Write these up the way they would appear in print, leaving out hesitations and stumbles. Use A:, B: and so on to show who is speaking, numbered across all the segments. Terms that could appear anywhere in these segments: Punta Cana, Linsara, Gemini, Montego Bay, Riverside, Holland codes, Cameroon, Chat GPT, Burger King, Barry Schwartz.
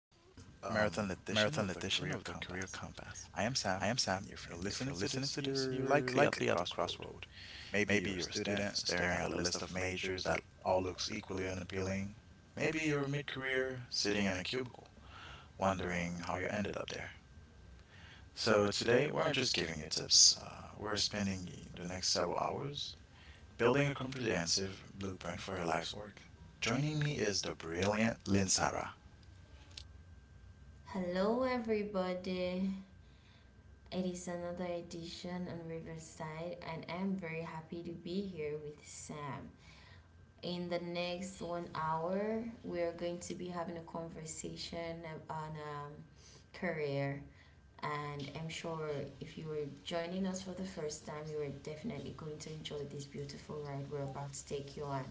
A: marathon edition of the Career Compass. I am Sam, and if you're listening to this, you're likely at a crossroad. Maybe you're a student staring at a list of majors that all looks equally unappealing. Maybe you're mid-career sitting in a cubicle, wondering how you ended up there. So today, we're not just giving you tips. We're spending the next several hours building a comprehensive blueprint for your life's work. Joining me is the brilliant Linsara.
B: Hello, everybody. It is another edition on Riverside, and I'm very happy to be here with Sam. In the next one hour, we are going to be having a conversation on career. And I'm sure if you were joining us for the first time, you are definitely going to enjoy this beautiful ride we're about to take you on.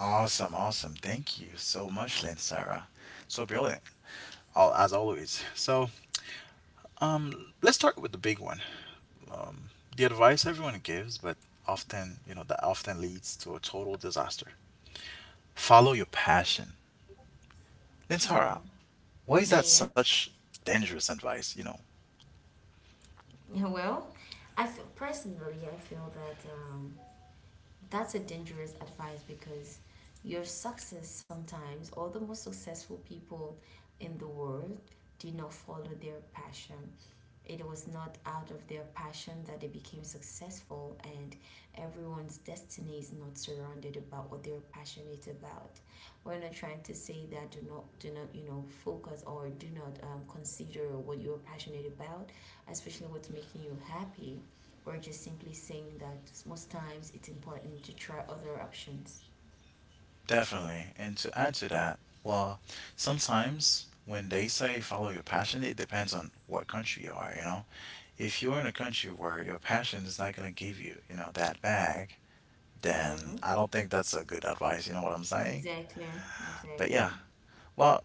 A: Awesome, awesome. Thank you so much, Lynn Sarah. So brilliant, as always. So, let's start with the big one. Um, the advice everyone gives, but often, that often leads to a total disaster. Follow your passion. Lynn
B: Hmm.
A: Sarah, why is that
B: Yeah.
A: such dangerous advice, you know?
B: Well, I feel, personally, I feel that. That's a dangerous advice because your success sometimes, all the most successful people in the world, do not follow their passion. It was not out of their passion that they became successful, and everyone's destiny is not surrounded about what they're passionate about. We're not trying to say that do not focus or do not consider what you're passionate about, especially what's making you happy. We're just simply saying that most times it's important to try other options.
A: Definitely. And to add to that, well, sometimes when they say follow your passion, it depends on what country you are, you know? If you're in a country where your passion is not going to give you, you know, that bag, then
B: Mm-hmm.
A: I don't think that's a good advice, you know what I'm saying?
B: Exactly.
A: But
B: Exactly.
A: yeah, well,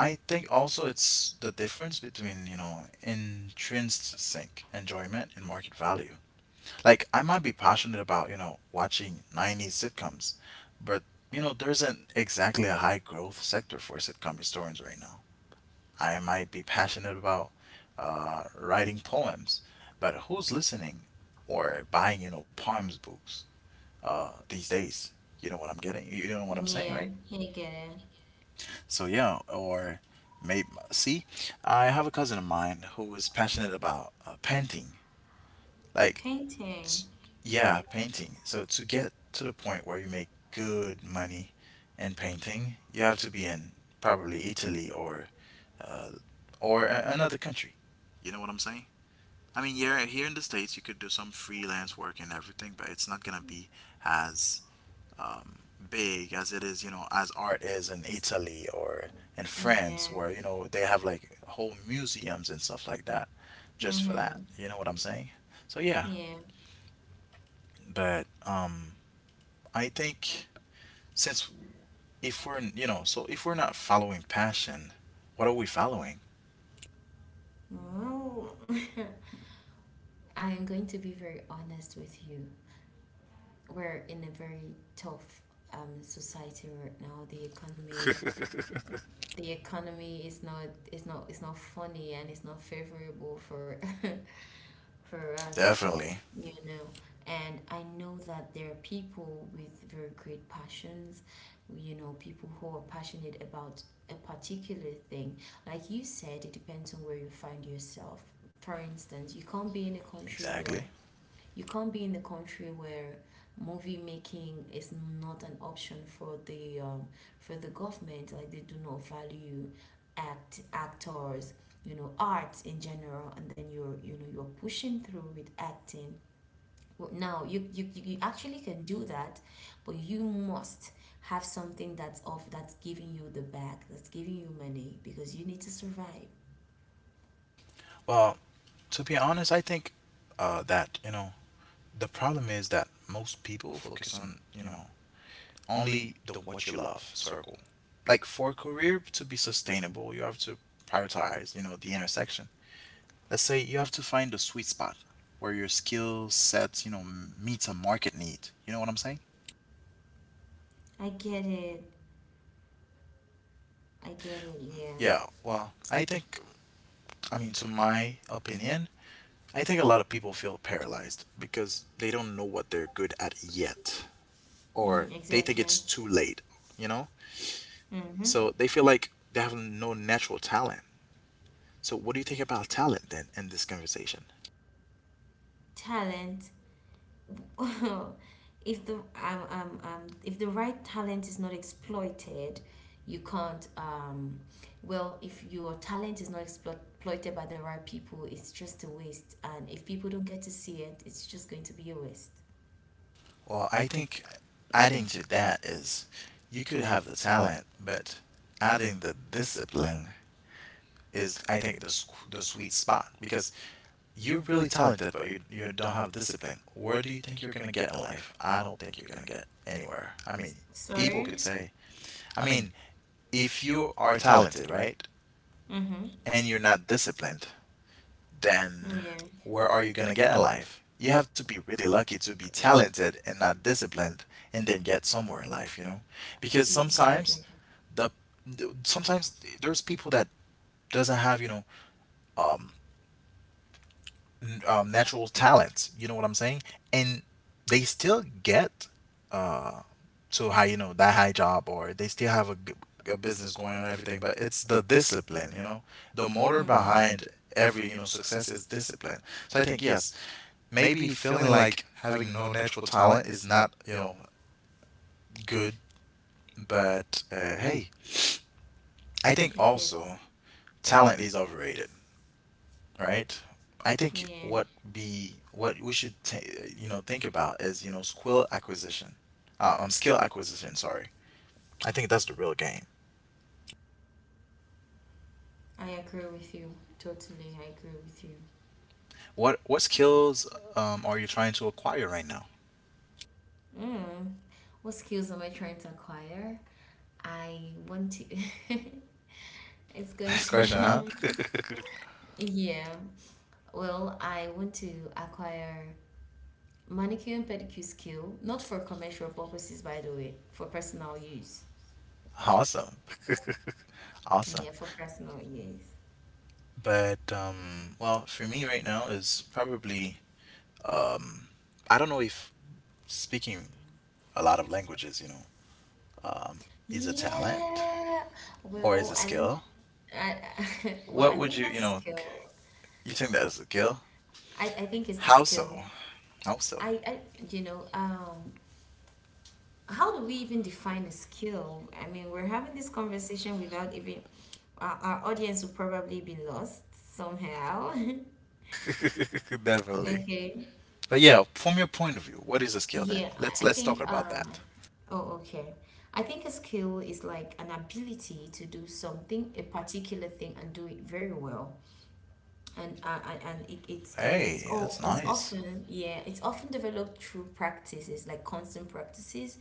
A: I think also it's the difference between, you know, intrinsic enjoyment and market value. Like I might be passionate about, you know, watching 90s sitcoms, but you know, there isn't exactly a high growth sector for sitcom historians right now. I might be passionate about writing poems, but who's listening or buying, you know, poems books these days? You know what I'm getting? You know what I'm saying, right?
B: Yeah, you get it.
A: So yeah, or maybe see, I have a cousin of mine who is passionate about painting. Like S-
B: Painting.
A: yeah, painting. So to get to the point where you make good money in painting, you have to be in probably Italy or uh, another country. You know what I'm saying? I mean, yeah, here in the States, you could do some freelance work and everything, but it's not gonna be as um, big as it is, you know, as art is in Italy or in France,
B: Yeah.
A: where you know they have like whole museums and stuff like that, just for that.
B: Mm-hmm.
A: You know what I'm saying? So yeah,
B: Yeah.
A: but I think since if we're n- you know so if we're not following passion what are we following
B: Well, I am going to be very honest with you. We're in a very tough society right now. The economy, is not funny, and it's not favorable for for us.
A: definitely
B: You know, and I know that there are people with very great passions. You know, people who are passionate about a particular thing. Like you said, it depends on where you find yourself. For instance,
A: exactly
B: you can't be in a country where movie making is not an option for the government. Like they do not value actors, you know, arts in general, and then you're you're pushing through with acting. Well, no, you actually can do that, but you must have something that's off, that's giving you the back, that's giving you money because you need to survive.
A: well to be honest I think that you know the problem is that most people focus on you know only the what you love circle like for a career to be sustainable you have to prioritize you know the intersection let's say you have to find the sweet spot where your skill set you know meets a market need you know what I'm saying.
B: I get it. I get it. Yeah.
A: Yeah, well, I think, I mean, to my opinion, I think a lot of people feel paralyzed because they don't know what they're good at yet,
B: Mm,
A: or they think
B: exactly.
A: it's too late, you know?
B: Mm-hmm.
A: So they feel like they have no natural talent. So, what do you think about talent then in this conversation?
B: Talent. If the right talent is not exploited, you can't. Well, if your talent is not exploited by the right people, it's just a waste. And if people don't get to see it, it's just going to be a waste.
A: Well, I think adding to that is you could have the talent, but adding the discipline is, I think, the sweet spot because you're really talented, but you don't have discipline. Where do you think you're gonna get in life? I don't think you're gonna get anywhere. I mean, people could
B: Sorry.
A: say, I mean, if you are talented, right,
B: Mhm.
A: and you're not disciplined, then
B: Yeah.
A: where are you gonna get in life? You have to be really lucky to be talented and not disciplined, and then get somewhere in life, you know, because
B: Exactly.
A: sometimes the sometimes there's people that doesn't have you know um natural talents. You know what I'm saying? And they still get uh, to high, you know, that high job, or they still have a business going on and everything. But it's the discipline, you know, the motor
B: Mhm.
A: behind every you know success is discipline. So I think yes, maybe feeling like having no natural talent is not you know good, but hey, I think
B: I get it.
A: also talent is overrated. Right? I think
B: Yeah.
A: what be what we should ta you know think about is you know skill acquisition, skill acquisition. Sorry, I think that's the real game.
B: I agree with you. Totally. I agree with you.
A: What skills are you trying to acquire right now?
B: Mm. What skills am I trying to acquire? I want to. It's going
A: Nice question,
B: to,
A: huh?
B: yeah. Well, I want to acquire manicure and pedicure skill, not for commercial purposes, by the way, for personal use.
A: Awesome, awesome.
B: Yeah, for personal use.
A: But well, for me right now is probably um, I don't know if speaking a lot of languages, you know, um, is a talent
B: Yeah.
A: or is
B: Well,
A: a
B: I don't.
A: skill.
B: I well,
A: What
B: I
A: would
B: think
A: you you
B: that's a
A: know
B: skill.
A: you think that is a skill?
B: I think it's the
A: How so?
B: skill.
A: How so?
B: I you know. How do we even define a skill? I mean, we're having this conversation without even our audience will probably be lost somehow.
A: Definitely.
B: Okay.
A: But yeah, from your point of view, what is a skill then?
B: Yeah,
A: Let's
B: I
A: let's
B: think
A: talk about that.
B: oh, okay. I think a skill is like an ability to do something, a particular thing and do it very well. And
A: Hey, that's nice.
B: it's often developed through practices, like constant practices.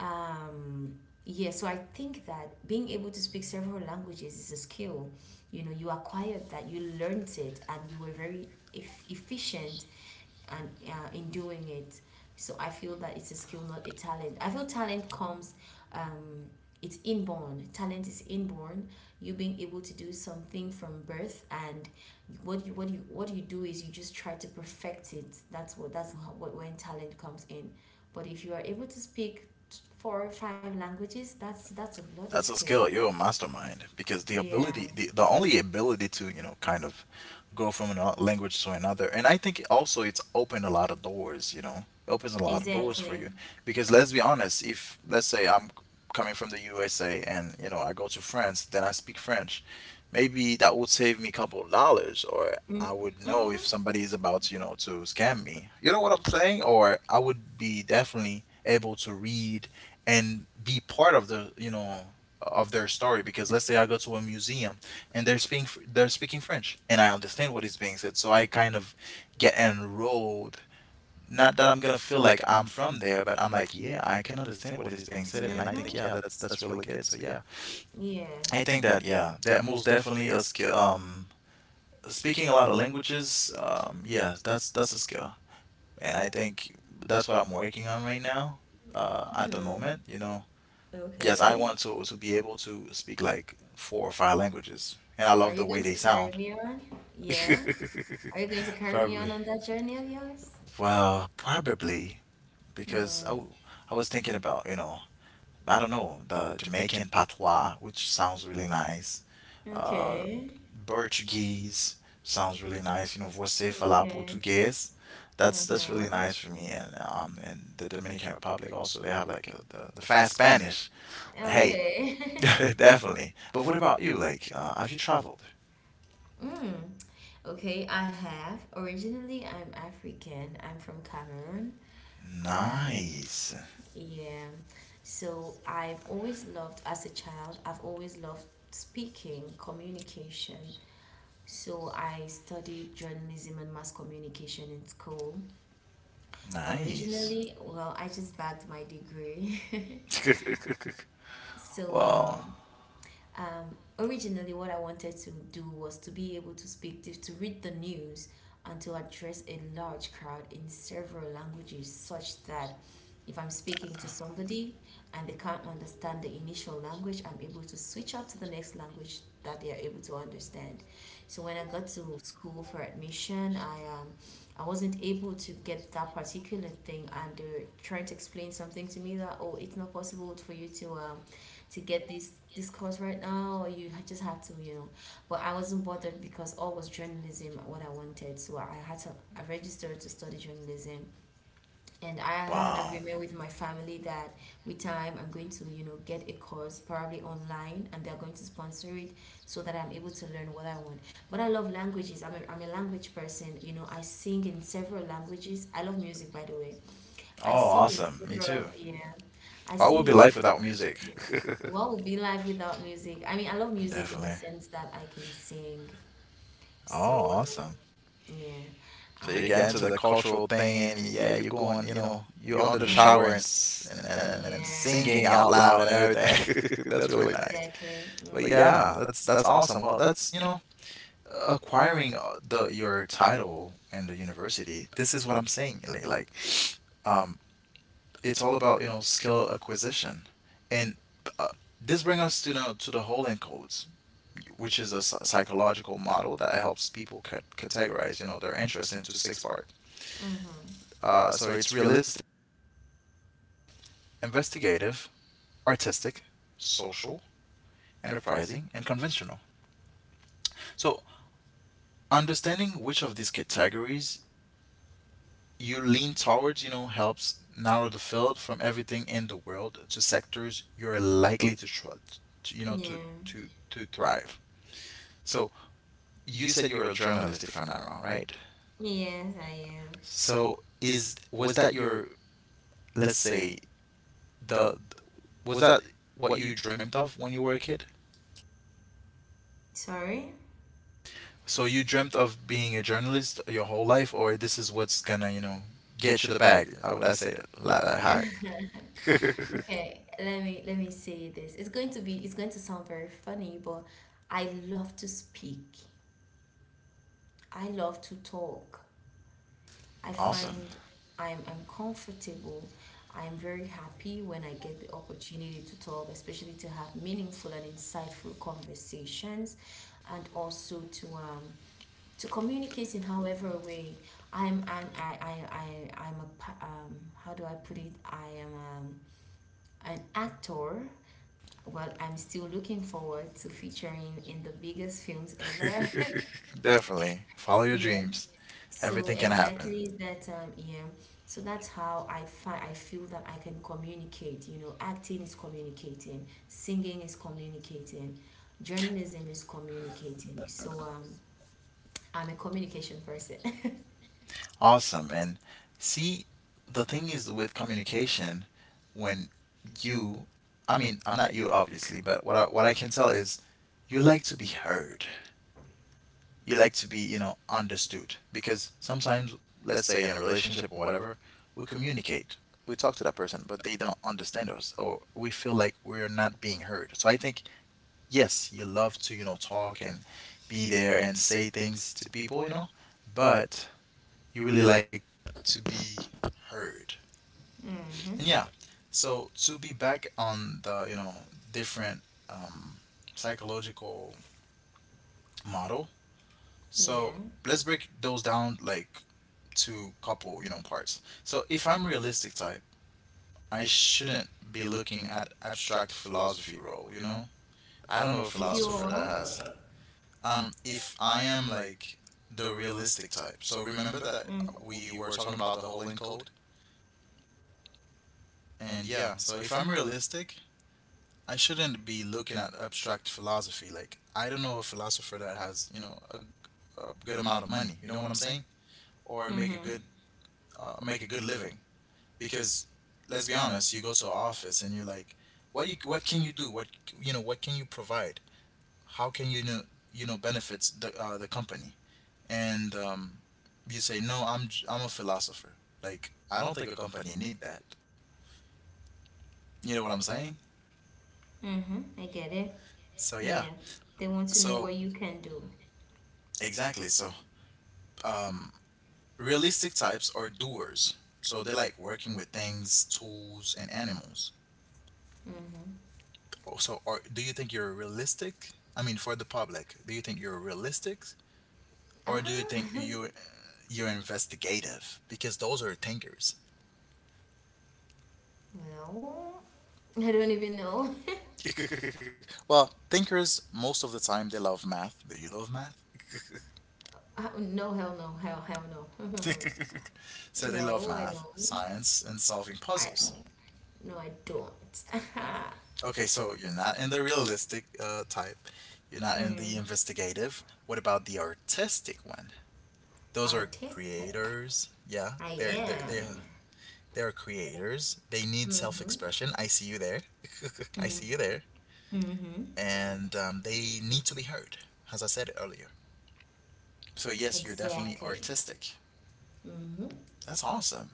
B: Yeah, so I think that being able to speak several languages is a skill. You know, you acquired that, you learned it and you were very efficient and in doing it. So I feel that it's a skill, not a talent. I feel talent comes, um, it's inborn. Talent is inborn. You being able to do something from birth, and what you what you what you do is you just try to perfect it. That's what, that's how, what, when talent comes in. But if you are able to speak four or five languages, that's a bloody
A: That's a
B: skill.
A: skill. You're a mastermind because the
B: Yeah,
A: ability, the only ability to, you know, kind of go from a language to another. And I think also it's opened a lot of doors, you know, it opens a lot of doors for you.
B: exactly.
A: Because let's be honest, if let's say I'm coming from the USA and, you know, I go to France, then I speak French, maybe that would save me a couple of dollars or I would know if
B: Mm-hmm.
A: somebody is about, you know, to scam me. You know what I'm saying? Or I would be definitely able to read and be part of the you know of their story because let's say I go to a museum and they're speaking French and I understand what is being said so I kind of get enrolled not that I'm gonna feel like I'm from there but I'm like yeah I can understand what is being said and I
B: Mm-hmm.
A: think yeah that's really good so yeah
B: Yeah.
A: I think that yeah that most definitely a skill speaking a lot of languages yeah that's a skill and I think that's what I'm working on right now at the
B: Hmm.
A: moment you know yes, I
B: Okay.
A: want to be able to speak like four or five languages, and I
B: Are
A: love
B: you
A: the way
B: going to
A: they
B: carry
A: sound.
B: me on? Yeah. Are you going to carry me on
A: Probably.
B: that journey of yours?
A: Well, probably because
B: Hmm.
A: I was thinking about, you know, I don't know, the Jamaican patois, which sounds really nice. Uh,
B: Okay.
A: Portuguese sounds really nice. You know, você falar
B: Okay.
A: português. That's really
B: Uh-huh.
A: nice for me. And and the Dominican Republic also, they have like the fast Spanish. Hey,
B: Okay.
A: definitely. But what about you? Like, have you traveled?
B: Mm. Okay, I have. Originally, I'm African. I'm from Cameroon. I'm,
A: Nice.
B: yeah. So I've always loved, as a child, I've always loved speaking, communication. So I studied journalism and mass communication in school.
A: Nice.
B: Originally, well, I just bagged my degree. So,
A: Wow.
B: originally what I wanted to do was to be able to speak to read the news and to address a large crowd in several languages such that if I'm speaking to somebody and they can't understand the initial language, I'm able to switch up to the next language that they are able to understand. So when I got to school for admission, I wasn't able to get that particular thing, and they were trying to explain something to me that, oh, it's not possible for you to get this course right now, or you just have to, you know. But I wasn't bothered because all was journalism what I wanted. So I registered to study journalism. And I had an
A: Wow.
B: agreement with my family that with time I'm going to get a course probably online, and they're going to sponsor it so that I'm able to learn what I want. But I love languages. I'm a language person. You know, I sing in several languages. I love music, by the way. I
A: Oh,
B: sing in
A: awesome. Me too.
B: several, yeah, I
A: What
B: sing
A: would be
B: in
A: life without
B: several.
A: music?
B: What would be life without music? I mean, I love music in the
A: Definitely.
B: sense that I can sing.
A: Oh,
B: So,
A: awesome.
B: yeah,
A: So you
B: I,
A: get into
B: um,
A: the cultural thing and yeah, you're going, you know, you're under the
B: uh,
A: shower and and
B: yeah,
A: singing out loud and everything. That's really
B: e-
A: nice.
B: exactly.
A: But
B: Mm-hmm.
A: yeah, that's awesome. Well, that's, you know, acquiring the your title in the university this is what I'm saying like, um it's all about you know skill acquisition and uh, this brings us to you know to the Holland codes which is a psychological model that helps people categorize you know their interest into six parts
B: Mm-hmm.
A: so it's realistic investigative artistic social enterprising and conventional so understanding which of these categories you lean towards, you know, helps narrow the field from everything in the world to sectors you're likely to, you know, to
B: Yeah.
A: to to thrive. So you said you're a journalist, if I'm not wrong, right?
B: Yes, I am.
A: So is was that your, let's say, the was that what you dreamt of when you were a kid?
B: Sorry.
A: So you dreamt of being a journalist your whole life, or this is what's gonna, you know, get you the bag? How would I say that? Like, hi,
B: Okay, let me say this. It's going to sound very funny, but I love to speak. I love to talk. I
A: awesome.
B: find I'm comfortable. I'm very happy when I get the opportunity to talk, especially to have meaningful and insightful conversations, and also to communicate in however way. I'm I I'm a pa- how do I put it? I am an actor. Well, I'm still looking forward to featuring in the biggest films ever.
A: Definitely. Follow your
B: Yeah.
A: dreams.
B: So
A: Everything can happen.
B: exactly that yeah. So that's how I find I feel that I can communicate. You know, acting is communicating, singing is communicating, journalism is communicating. So I'm a communication person.
A: Awesome. And see, the thing is with communication, when you, I mean, I'm not you obviously, but what I can tell is you like to be heard. You like to be, you know, understood because sometimes, let's say in a relationship or whatever, we communicate. We talk to that person, but they don't understand us, or we feel like we're not being heard. So I think yes, you love to, you know, talk and be there and say things to people, you know, but you really like to be heard. And
B: Mm-hmm.
A: yeah, so to be back on the, you know, different um, psychological model. So
B: Yeah.
A: let's break those down like to couple, you know, parts. So if I'm realistic type, I shouldn't be looking at abstract philosophy role, you know? I don't know a
B: If you
A: philosopher that
B: are
A: has if I am like the realistic type. So remember that
B: mm,
A: we were talking about the whole encode. And yeah, so if I'm realistic, I shouldn't be looking at abstract philosophy. Like, I don't know a philosopher that has, you know, a good amount of money, you know what I'm saying, or
B: mm-hmm.
A: make a good living. Because let's be honest, you go to an office and you're like, what you what can you do, what, you know, what can you provide, how can you know, you know, benefits the company. And you say no, I'm a philosopher, like I don't think a company need that, you know what I'm saying.
B: Mm-hmm. I get it.
A: So yeah.
B: Yeah. They want to know
A: So
B: what you can do.
A: exactly. So um realistic types are doers, so they like working with things, tools, and animals.
B: Mm-hmm.
A: Oh, so are, do you think you're realistic? I mean, for the public, do you think you're realistic, or do
B: Ah
A: you think you you're you're investigative, because those are thinkers?
B: well, I don't even know.
A: Well, thinkers, most of the time, they love math. Do you love math?
B: No, hell no, hell, hell no.
A: So they
B: No,
A: love
B: I
A: math,
B: don't.
A: science, and solving
B: I
A: puzzles.
B: No, I don't.
A: Okay, so you're not in the realistic type. You're not in the investigative. What about the artistic one? Those are
B: Artistic.
A: creators. Yeah,
B: I
A: they're they're they
B: am.
A: are they are creators. They need
B: Mm-hmm.
A: self-expression. I see you there. I see you there.
B: Mm-hmm.
A: And they need to be heard, as I said earlier. So yes, you're definitely
B: Exactly.
A: artistic.
B: Mm-hmm.
A: That's awesome.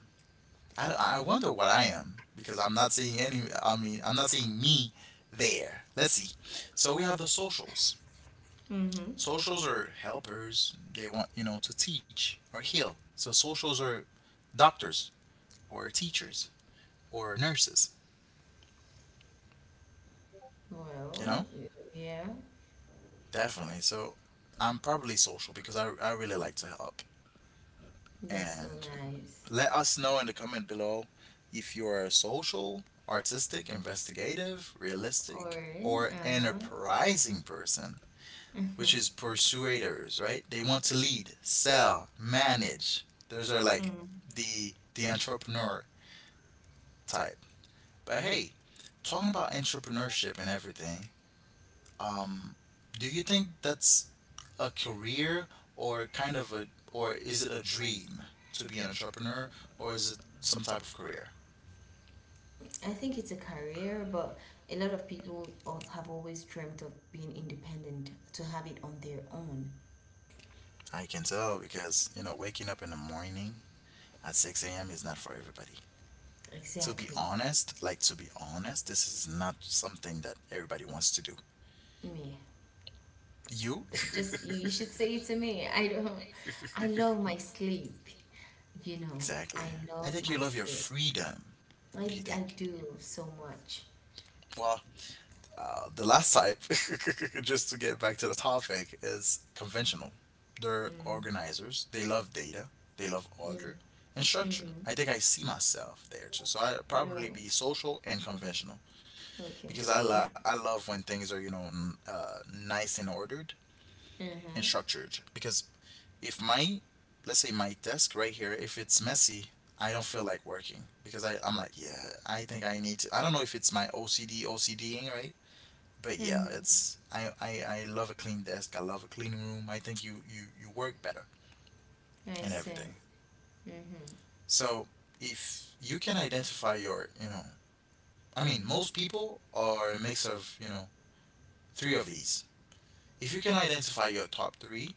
A: I don't, I wonder what I am, because I'm not seeing any. I mean, I'm not seeing me there. Let's see. So we have the socials.
B: Mm-hmm.
A: Socials are helpers. They want, you know, to teach or heal. So socials are doctors or teachers or nurses. You know,
B: Well, yeah,
A: definitely. So I'm probably social because I really like to help.
B: that's so
A: And
B: nice.
A: let us know in the comment below if you're social, artistic, investigative,
B: Or,
A: realistic, or
B: uh-huh.
A: enterprising person, which is persuaders, right? They want to lead, sell, manage. Those are like
B: Mm.
A: the entrepreneur type. But hey, talking about entrepreneurship and everything, um do you think that's a career, or kind of a, or is it a dream to be an entrepreneur, or is it some type of career?
B: I think it's a career, but a lot of people have always dreamt of being independent, to have it on their own.
A: I can tell, because you know, waking up in the morning at 6 a.m. is not for everybody. To be
B: Exactly.
A: honest, like to be honest, this is not something that everybody wants to do.
B: Me.
A: You
B: Just you should say it to me. I don't. I love my sleep. You know, I
A: exactly. I
B: love
A: think you
B: my
A: love your
B: sleep.
A: freedom.
B: I
A: What do you
B: I
A: think?
B: do so much.
A: Well, the last type, just to get back to the topic, is conventional. They're
B: Mm,
A: organizers. They love data. They love
B: mm,
A: order and structure.
B: mm-hmm.
A: I think I see myself there too. So I probably
B: Oh,
A: be social and conventional,
B: okay.
A: because
B: We've,
A: I love when things are, you know, nice and ordered and
B: uh-huh.
A: structured. Because if my, let's say my desk right here, if it's messy, I don't feel like working, because I'm like, yeah, I think I need to. I don't know if it's my OCD OCDing right, but yeah,
B: Mm-hmm.
A: it's I love a clean desk. I love a clean room. I think you work better
B: I
A: and
B: see.
A: everything.
B: Mm-hmm.
A: So if you can identify your, you know, I mean, most people are a mix of, you know, three of these. If you can identify your top three,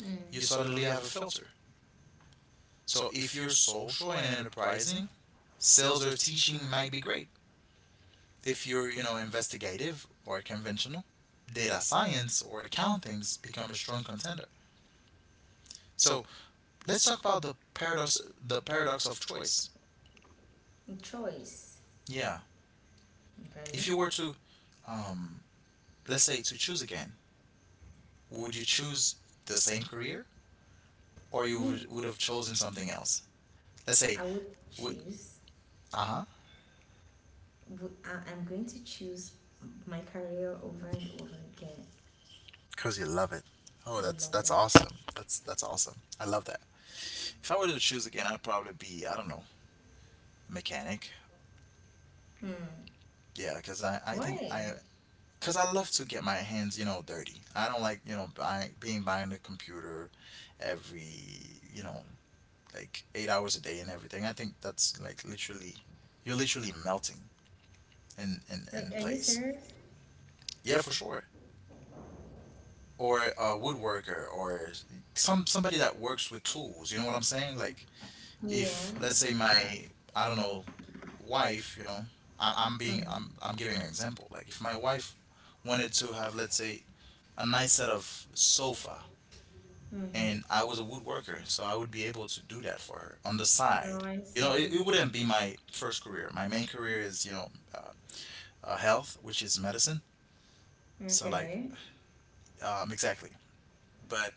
B: Mm.
A: you suddenly have a filter. So if you're social and enterprising, sales or teaching might be great. If you're, you know, investigative or conventional, data science or accountings become a strong contender. So let's talk about the paradox, the paradox of choice.
B: Choice.
A: Yeah,
B: Okay.
A: if you were to um let's say to choose again, would you choose the same career, or you
B: Mm.
A: would have chosen something else? Let's
B: I
A: say
B: would
A: we,
B: choose.
A: uh-huh,
B: I'm going to choose my career over and over again.
A: because you love it. Oh,
B: I
A: that's
B: love
A: that's
B: it.
A: awesome that's that's awesome, I love that. If I were to choose again, I'd probably be, I don't know, mechanic.
B: Hmm.
A: Yeah, because I think I,
B: Why?
A: because I love to get my hands, you know, dirty. I don't like, you know, being behind the computer every, you know, like 8 hours a day and everything. I think that's like literally you're literally melting
B: Are,
A: in
B: are you
A: place.
B: serious?
A: Yeah, for sure. Or a woodworker or somebody that works with tools. You know what I'm saying? Like,
B: Yeah.
A: if let's say my, I don't know, wife, you know, I, I'm being
B: Mm-hmm.
A: I'm giving an example. Like if my wife wanted to have, let's say, a nice set of sofa,
B: Mm-hmm.
A: and I was a woodworker, so I would be able to do that for her on the
B: Oh,
A: side.
B: I
A: You
B: see.
A: know, it wouldn't be my first career. My main career is, you know, uh, health, which is medicine. So, like,
B: Okay.
A: exactly. But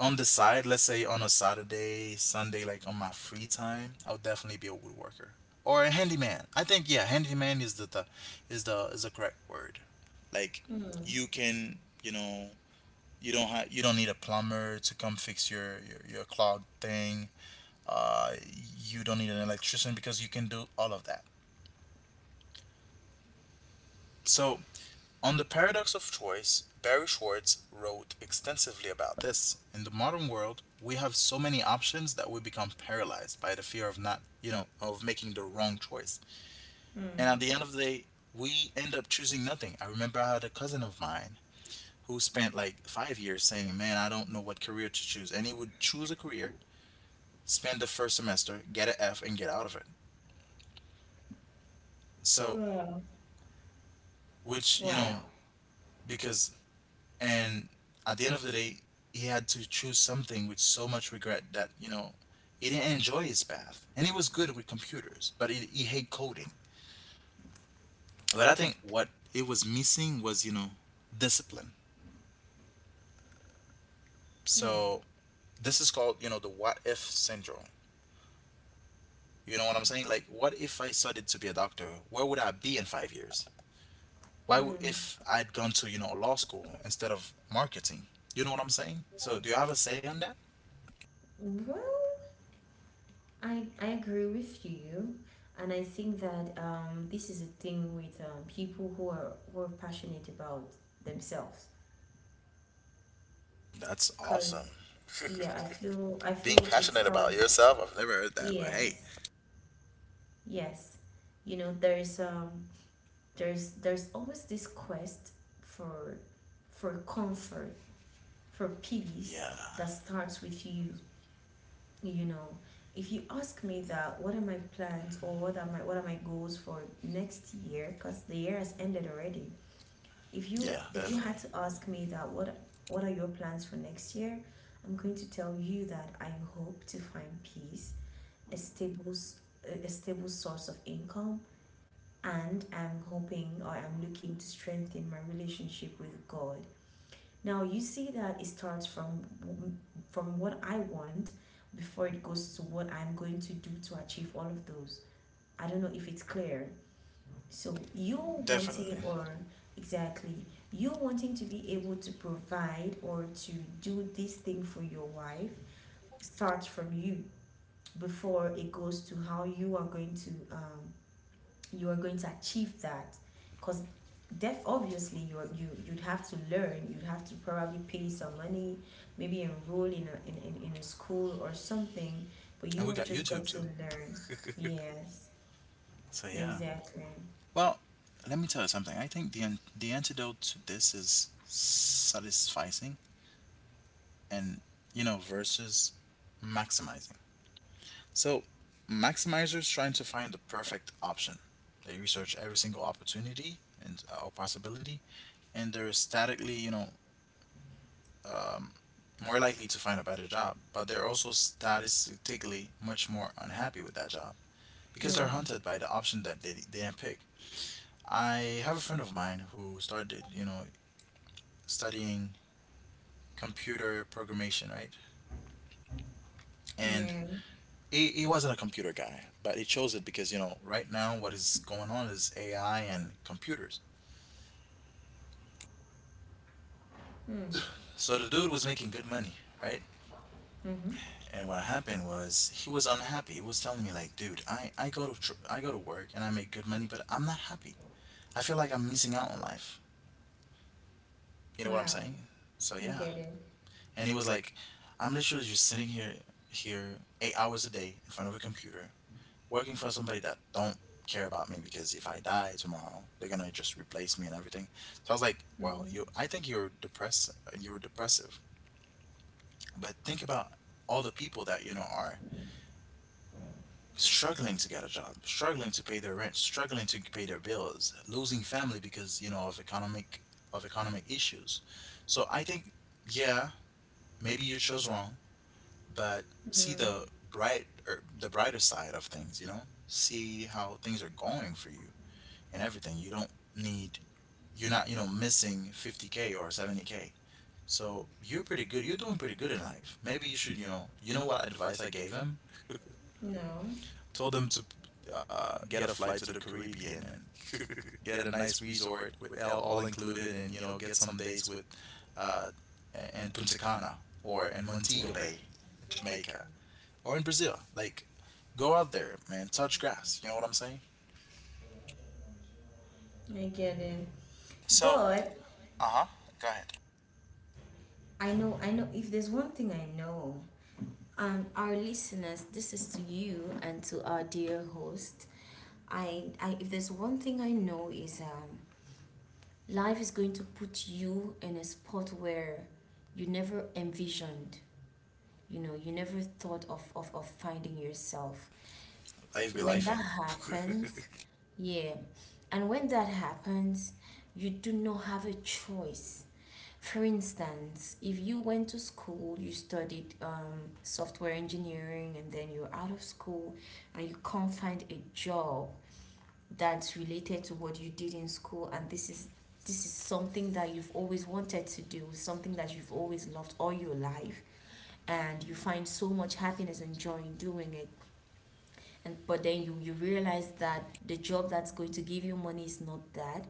A: on the side, let's say on a Saturday, Sunday, like on my free time, I would definitely be a woodworker or a handyman. I think yeah, handyman is the is the correct word. Like,
B: Mm.
A: you can, you know, you don't need a plumber to come fix your clogged thing. uh, you don't need an electrician, because you can do all of that. So, on the paradox of choice, Barry Schwartz wrote extensively about this. In the modern world, we have so many options that we become paralyzed by the fear of not, you know, of making the wrong choice. And
B: Mm.
A: at the end of the day, we end up choosing nothing. I remember I had a cousin of mine who spent like 5 years saying, man, I don't know what career to choose. And he would choose a career, spend the first semester, get an F, and get out of it. So,
B: Well.
A: which, you know,
B: Wow.
A: because, and at the end of the day, he had to choose something with so much regret that, you know, he didn't enjoy his path, and he was good with computers, but he hated coding. But I think what it was missing was, you know, discipline.
B: Mm.
A: So this is called, you know, the what if syndrome. You know what I'm saying? Like, what if I studied to be a doctor, where would I be in 5 years?
B: Mm.
A: If I'd gone to, you know, law school instead of marketing? You know what I'm saying? So do you have a say on that?
B: Well, I agree with you, and I think that this is a thing with people who are passionate about themselves,
A: That's
B: cause
A: awesome.
B: yeah, I feel I
A: Being
B: feel it
A: passionate about
B: starts.
A: yourself, I've never heard that, but hey,
B: Yes. Yes. You know, there's always this quest for comfort, for peace,
A: yeah,
B: that starts with you. You know If you ask me, that what are my plans, or what are my goals for next year, because the year has ended already. If
A: yeah,
B: you
A: definitely,
B: had to ask me that, what are your plans for next year, I'm going to tell you that I hope to find peace, a stable a stable source of income, and I'm hoping, or I'm looking to strengthen my relationship with God. Now you see that it starts from what I want before it goes to what I'm going to do to achieve all of those. I don't know if it's clear. So you wanting,
A: definitely.
B: or exactly, you wanting to be able to provide or to do this thing for your wife starts from you before it goes to how you are going to you are going to achieve that. Because def obviously, you'd have to learn. You'd have to probably pay some money, maybe enroll in a school or something, but
A: And
B: you
A: we
B: have
A: got
B: just got
A: YouTube
B: to
A: too.
B: learn. Yes,
A: So yeah.
B: exactly.
A: Well, let me tell you something. I think the antidote to this is satisficing and, you know, versus maximizing. So maximizers trying to find the perfect option. They research every single opportunity and or possibility, and they're statically, you know, um, more likely to find a better job, but they're also statistically much more unhappy with that job, because they're
B: Mm.
A: hunted by the option that they didn't pick. I have a friend of mine who started, you know, studying computer programmation, right? And
B: Yeah.
A: he wasn't a computer guy, but he chose it because, you know, right now what is going on is AI and computers.
B: Mm.
A: So the dude was making good money, right?
B: Mm-hmm.
A: And what happened was he was unhappy. He was telling me like, dude, I go to work and I make good money, but I'm not happy. I feel like I'm missing out on life. You know what I'm
B: Wow,
A: saying? So
B: I
A: yeah.
B: get it.
A: And he was like, I'm literally just sitting here 8 hours a day in front of a computer working for somebody that don't care about me, because if I die tomorrow, they're gonna just replace me and everything. So I was like, wow, you.
B: Mm-hmm.
A: I think you're depressed. You're depressive. But think about all the people that, you know, are struggling to get a job, struggling to pay their rent, struggling to pay their bills, losing family because, you know, of economic issues. So I think, yeah, maybe you chose wrong, but see
B: Mm.
A: the brighter side of things. You know, see how things are going for you and everything. You don't need, you're not, you know, missing 50k or 70k. So you're pretty good. You're doing pretty good in life. Maybe you should, you know what advice I gave him?
B: No,
A: Told him to get a flight to the Caribbean and get a nice resort with all included, and you know, get some days with uh, in Punta Cana or in Montego Bay, Jamaica, or in Brazil. Like, go out there, man. Touch grass. You know what I'm saying?
B: I get it.
A: So,
B: But
A: uh huh. Go ahead.
B: I know, if there's one thing I know. Our listeners, this is to you and to our dear host. I if there's one thing I know is life is going to put you in a spot where you never envisioned, you know, you never thought of finding yourself.
A: Life be
B: When
A: lifing.
B: that happens, yeah, and when that happens, you do not have a choice. For instance, if you went to school, you studied software engineering, and then you're out of school and you can't find a job that's related to what you did in school, and this is something that you've always wanted to do, something that you've always loved all your life, and you find so much happiness and joy in doing it. And but then you realize that the job that's going to give you money is not that.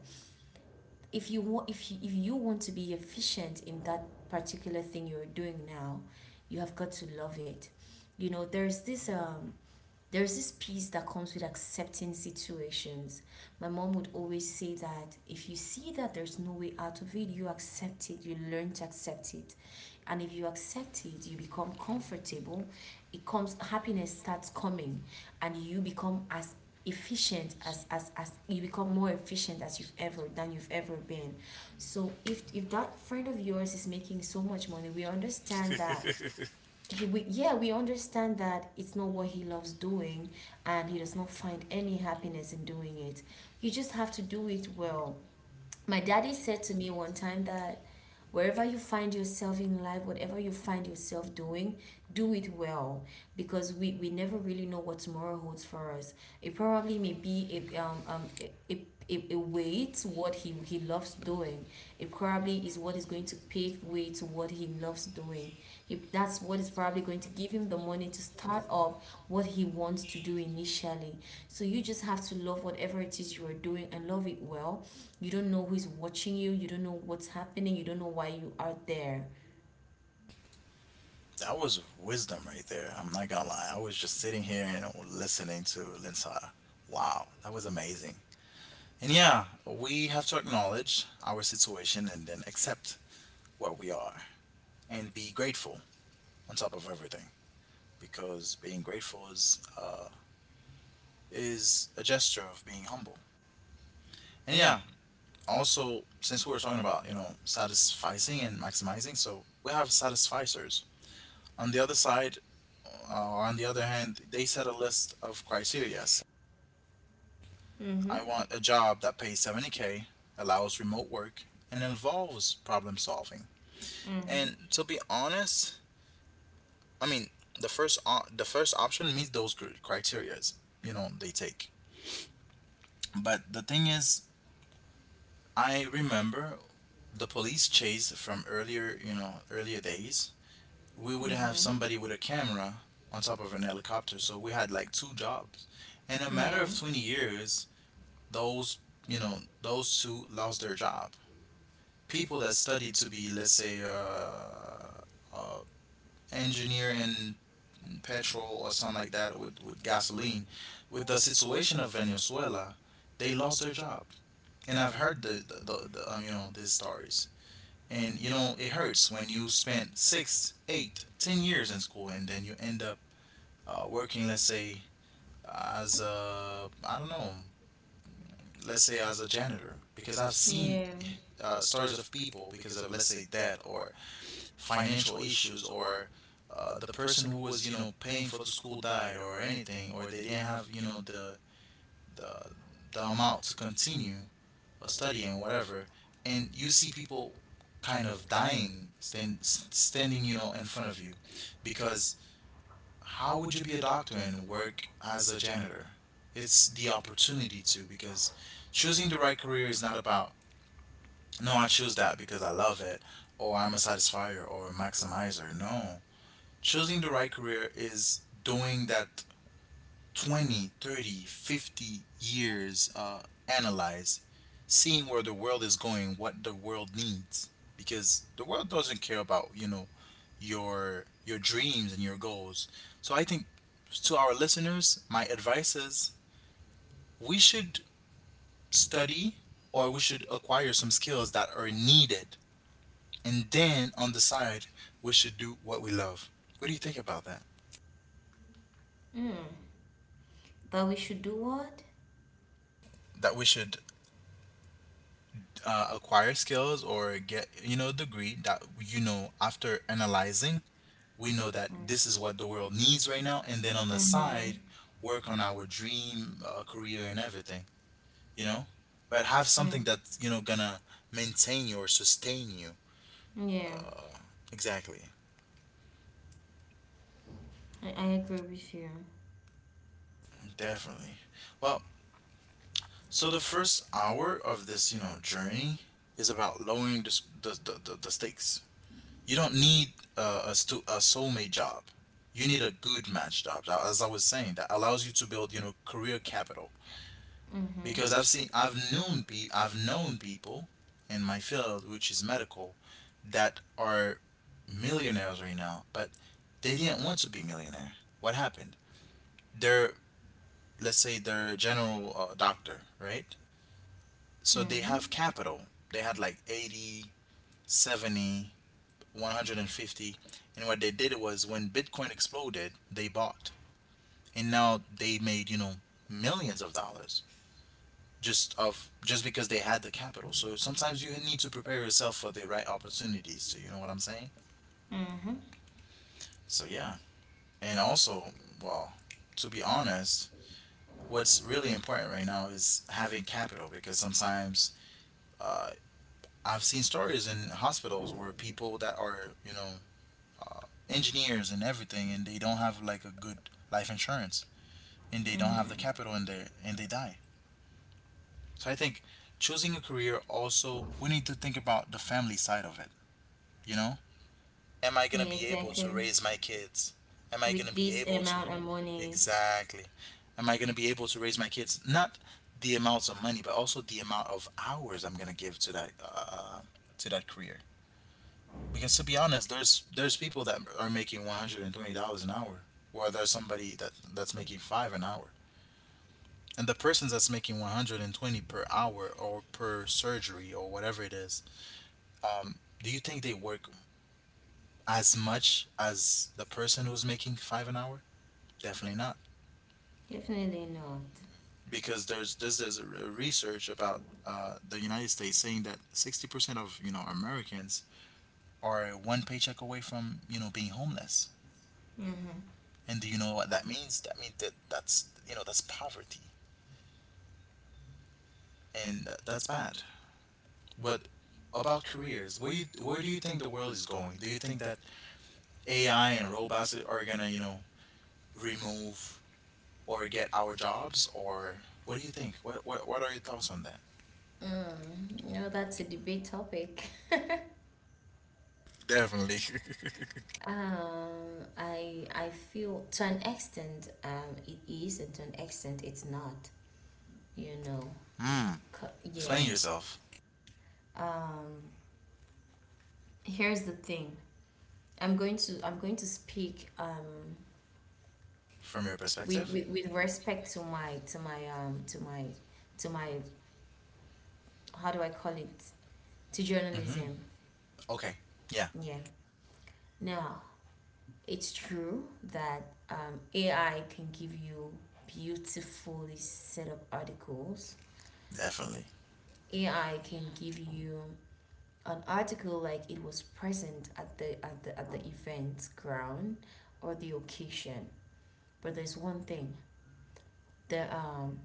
B: If you want to be efficient in that particular thing you're doing now, you have got to love it. You know, there's this peace that comes with accepting situations. My mom would always say that if you see that there's no way out of it, you accept it, you learn to accept it. And if you accept it, you become comfortable. It comes, happiness starts coming, and you become as efficient as you become more efficient as you've ever been. So if that friend of yours is making so much money, we understand that he we yeah, we understand that it's not what he loves doing and he does not find any happiness in doing it. You just have to do it well. My daddy said to me one time that wherever you find yourself in life, whatever you find yourself doing, do it well, because we never really know what tomorrow holds for us. It probably may be a way to what he loves doing. It probably is what is going to pave way to what he loves doing. If that's what is probably going to give him the money to start off what he wants to do initially. So you just have to love whatever it is you are doing, and love it well. You don't know who's watching you. You don't know what's happening. You don't know why you are there.
A: That was wisdom right there. I'm not gonna lie. I was just sitting here and listening to Linsara. Wow, that was amazing. And yeah, we have to acknowledge our situation and then accept where we are and be grateful on top of everything, because being grateful is a gesture of being humble. And yeah, also since we were talking about satisficing and maximizing, so we have satisficers. On the other side, or on the other hand, they set a list of criteria. I
B: Mm-hmm.
A: want a job that pays 70K, allows remote work, and involves problem solving. And
B: Mm-hmm.
A: to be honest, I mean, the first option meets those criterias, they take. But the thing is, I remember the police chase from earlier, earlier days we would have
B: Mm-hmm.
A: somebody with a camera on top of an helicopter. So we had like two jobs. In a matter of
B: Yeah.
A: 20 years, those, you know, those two lost their job. People that studied to be, let's say, uh, engineer in petrol or something like that with gasoline, with the situation of Venezuela, they lost their job. And I've heard these stories. And, it hurts when you spent 6, 8, 10 years in school and then you end up working, let's say, as a, I don't know, let's say as a janitor, because I've seen
B: Yeah.
A: stories of people because of, let's say, debt or financial issues or the person who was, paying for the school died or anything, or they didn't have, the, the amount to continue a study and whatever. And you see people kind of dying, standing, in front of you because how would you be a doctor and work as a janitor? It's the opportunity to because choosing the right career is not about no, I choose that because I love it or I'm a satisfier or a maximizer. No. Choosing the right career is doing that 20, 30, 50 years analyze, seeing where the world is going, what the world needs, because the world doesn't care about your dreams and your goals. So I think to our listeners, my advice is we should study or we should acquire some skills that are needed, and then on the side we should do what we love. What do you think about that?
B: Mm. But we should do what?
A: That we should acquire skills or get a degree that after analyzing we know that this is what the world needs right now, and then on the side
B: Mm-hmm.
A: work on our dream career and everything, you know but have something
B: Mm.
A: that's gonna maintain you or sustain you.
B: Yeah.
A: Exactly.
B: I agree with you.
A: Definitely. Well, so the first hour of this journey is about lowering the s- the stakes. You don't need a soulmate job. You need a good match job, as I was saying, that allows you to build, career capital.
B: Mm-hmm.
A: Because I've seen, I've known, pe- I've known people in my field, which is medical, that are millionaires right now, but they didn't want to be millionaire. What happened? They're, let's say, they're a general doctor, right? So they
B: Mm-hmm.
A: have capital. They had like 80, 70. 150, and what they did was when bitcoin exploded they bought, and now they made millions of dollars, just because they had the capital. So sometimes you need to prepare yourself for the right opportunities to, you know what I'm saying?
B: Mm-hmm.
A: So yeah. And also, well, to be honest, what's really important right now is having capital, because sometimes uh, I've seen stories in hospitals where people that are engineers and everything, and they don't have like a good life insurance, and they don't have the
B: Mm-hmm.
A: capital, and they die. So I think choosing a career, also we need to think about the family side of it. You know, am I gonna
B: Yeah,
A: be able to
B: exactly.
A: raise my kids? Am I gonna
B: With
A: be
B: this
A: able to,
B: amount of money.
A: exactly? Am I gonna be able to raise my kids? Not the amounts of money, but also the amount of hours I'm gonna give to that career. Because to be honest, there's people that are making $120 an hour, or there's somebody that's making five an hour. And the person that's making 120 per hour or per surgery or whatever it is, um do you think they work as much as the person who's making five an hour? Definitely not.
B: Definitely not.
A: Because there's a research about the United States saying that 60% of Americans are one paycheck away from being homeless.
B: Mm-hmm.
A: And do you know what that means? That means that that's you know that's poverty. And that's bad. But about careers, where do you think the world is going? Do you think that AI and robots that are gonna, remove or get our jobs? Or what do you think? What are your thoughts on that?
B: No, that's a debate topic.
A: Definitely.
B: I feel to an extent, it is, and to an extent, it's not. You know,
A: Mm, explain
B: Yes.
A: yourself
B: Here's the thing. I'm going to speak
A: from your perspective.
B: with respect to my to my to my to my how do I call it, to
A: Hmm.
B: journalism.
A: Okay. Yeah,
B: Yeah. Now, it's true that AI can give you beautifully set up articles.
A: definitely.
B: AI can give you an article like it was present at the event ground or the occasion. But there's one thing. The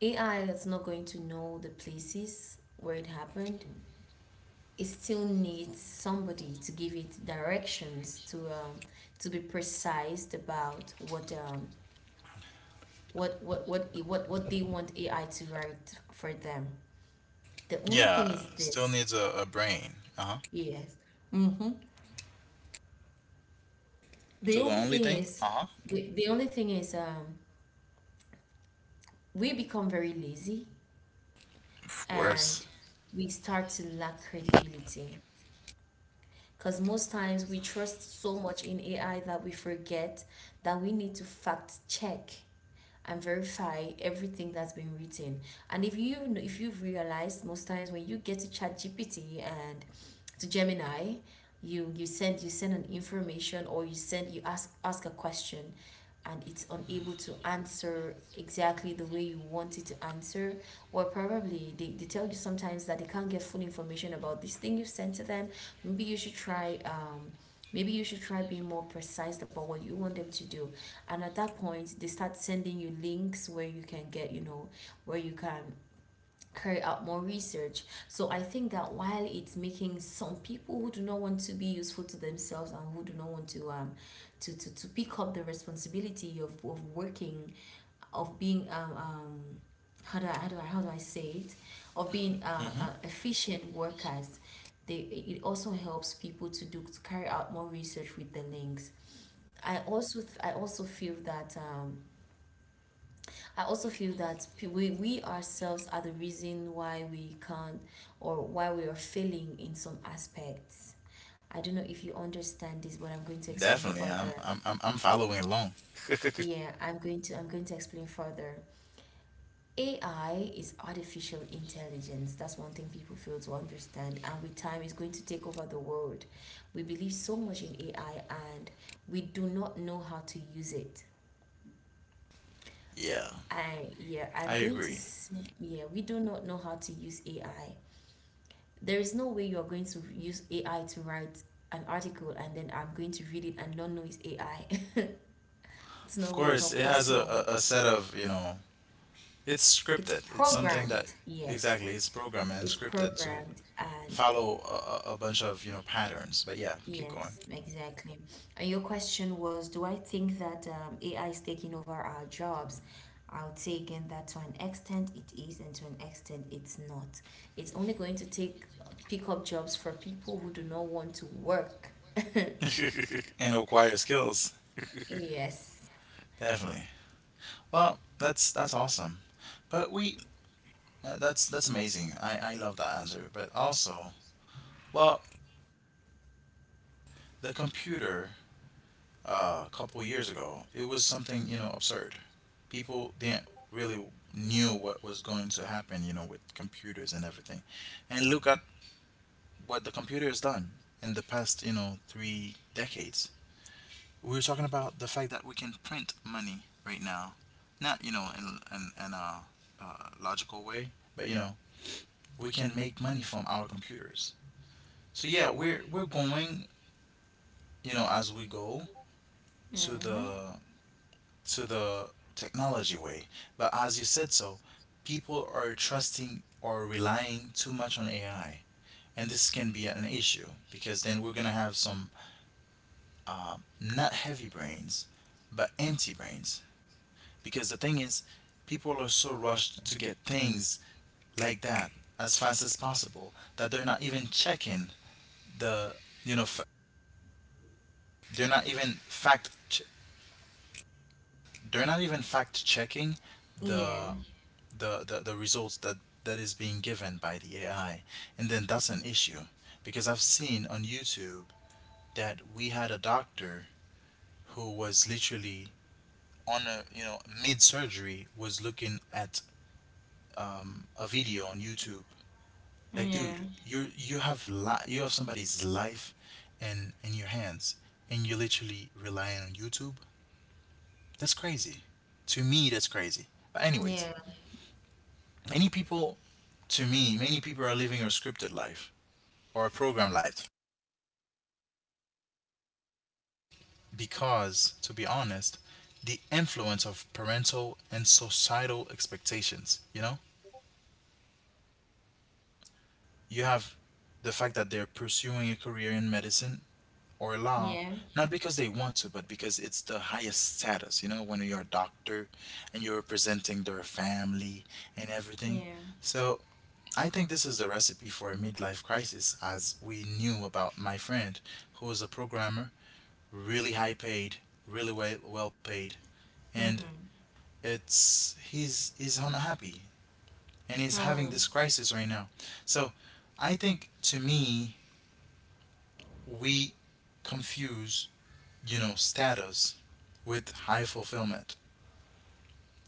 B: AI, that's not going to know the places where it happened. It still needs somebody to give it directions to be precise about what what they want AI to write for them. The only thing
A: Yeah,
B: is
A: still
B: this.
A: needs a brain. Uh huh.
B: Yes. Mm-hmm. The
A: So the
B: only
A: only
B: thing
A: thing.
B: is,
A: Uh huh.
B: the only thing is, we become very lazy,
A: Of course.
B: and we start to lack credibility. Because most times we trust so much in AI that we forget that we need to fact check and verify everything that's been written. And if you if you've realized, most times when you get to Chat GPT and to Gemini, you send an information, or you send, you ask a question, and it's unable to answer exactly the way you want it to answer, or probably they tell you sometimes that they can't get full information about this thing you sent to them. Maybe you should try maybe you should try being more precise about what you want them to do, and at that point they start sending you links where you can get, you know, where you can carry out more research. So I think that while it's making some people who do not want to be useful to themselves and who do not want to to pick up the responsibility of working, of being how do I, how do I say it, of being
A: Hmm.
B: efficient workers, they, it also helps people to do, to carry out more research with the links. I also feel that I also feel that we ourselves are the reason why we can't, or why we are failing in some aspects. I don't know if you understand this, but I'm going to explain
A: Definitely. I'm
B: further.
A: I'm I'm I'm following along.
B: Yeah, I'm going to explain further. AI is artificial intelligence. That's one thing people fail to understand. And with time, it's going to take over the world. We believe so much in AI and we do not know how to use it.
A: Yeah, I
B: I'm going to
A: agree.
B: say, yeah, we do not know how to use AI. There is no way you are going to use AI to write an article and then I'm going to read it and not know it's AI. It's no
A: Of
B: way, it's
A: course,
B: not
A: it has
B: possible.
A: a set of. It's
B: It's
A: scripted. It's something that.
B: programmed, yes.
A: Exactly, it's programmed and
B: It's
A: scripted to
B: programmed and
A: follow a bunch of patterns. But yeah, keep going.
B: yes, exactly. And your question was, do I think that AI is taking over our jobs? I would say again that to an extent it is, and to an extent it's not. It's only going to take pick up jobs for people who do not want to work.
A: And acquire skills.
B: Yes.
A: Definitely. Well, that's awesome. But we That's amazing. I love that answer. But also, well, the computer, a couple years ago, it was something absurd. People didn't really knew what was going to happen with computers and everything, and look at what the computer has done in the past, 3 decades. We were talking about the fact that we can print money right now, not in a, logical way, but we can make money from our computers. So yeah, we're going, as we go to
B: Mm-hmm.
A: the technology way, but as you said so, people are trusting or relying too much on AI, and this can be an issue because then we're going to have some not heavy brains, but empty brains. Because the thing is, people are so rushed to get things like that as fast as possible that they're not even checking the, you know, they're not even fact, ch- they're not even fact checking the,
B: Yeah.
A: the results that is being given by the AI, and then that's an issue because I've seen on YouTube that we had a doctor who was literally on a, mid surgery, was looking at a video on YouTube. Like,
B: Yeah.
A: dude, you have somebody's life in your hands, and you're literally relying on YouTube. That's crazy. To me, that's crazy. But
B: Yeah.
A: anyways, many people, to me, many people are living a scripted life or a program life because, to be honest, the influence of parental and societal expectations. You have the fact that they're pursuing a career in medicine or law
B: Yeah.
A: not because they want to but because it's the highest status, when you're a doctor and you're representing their family and
B: Yeah.
A: everything. So I think this is the recipe for a midlife crisis, as we knew about my friend, who is a programmer, really high paid, really well paid, and
B: Mm-hmm.
A: it's he's unhappy, and he's having
B: Oh,
A: this crisis right now. So I think, to me, we confuse, status with high fulfillment.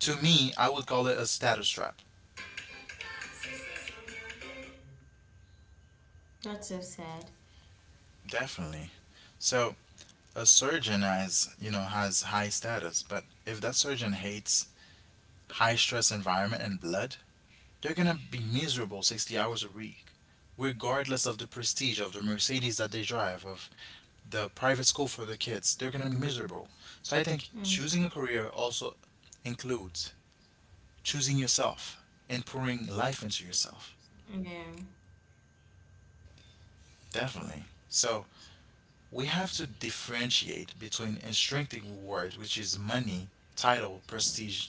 A: To me, I would call it a status trap.
B: that's so sad.
A: Definitely. So a surgeon has high status, but if that surgeon hates high stress environment and blood, they're gonna be miserable 60 hours a week, regardless of the prestige of the Mercedes that they drive, of the private school for their kids. They're gonna be miserable. So I think
B: Mm.
A: choosing a career also includes choosing yourself and pouring life into yourself.
B: Yeah.
A: Definitely. So we have to differentiate between intrinsic reward, which is money, title, prestige,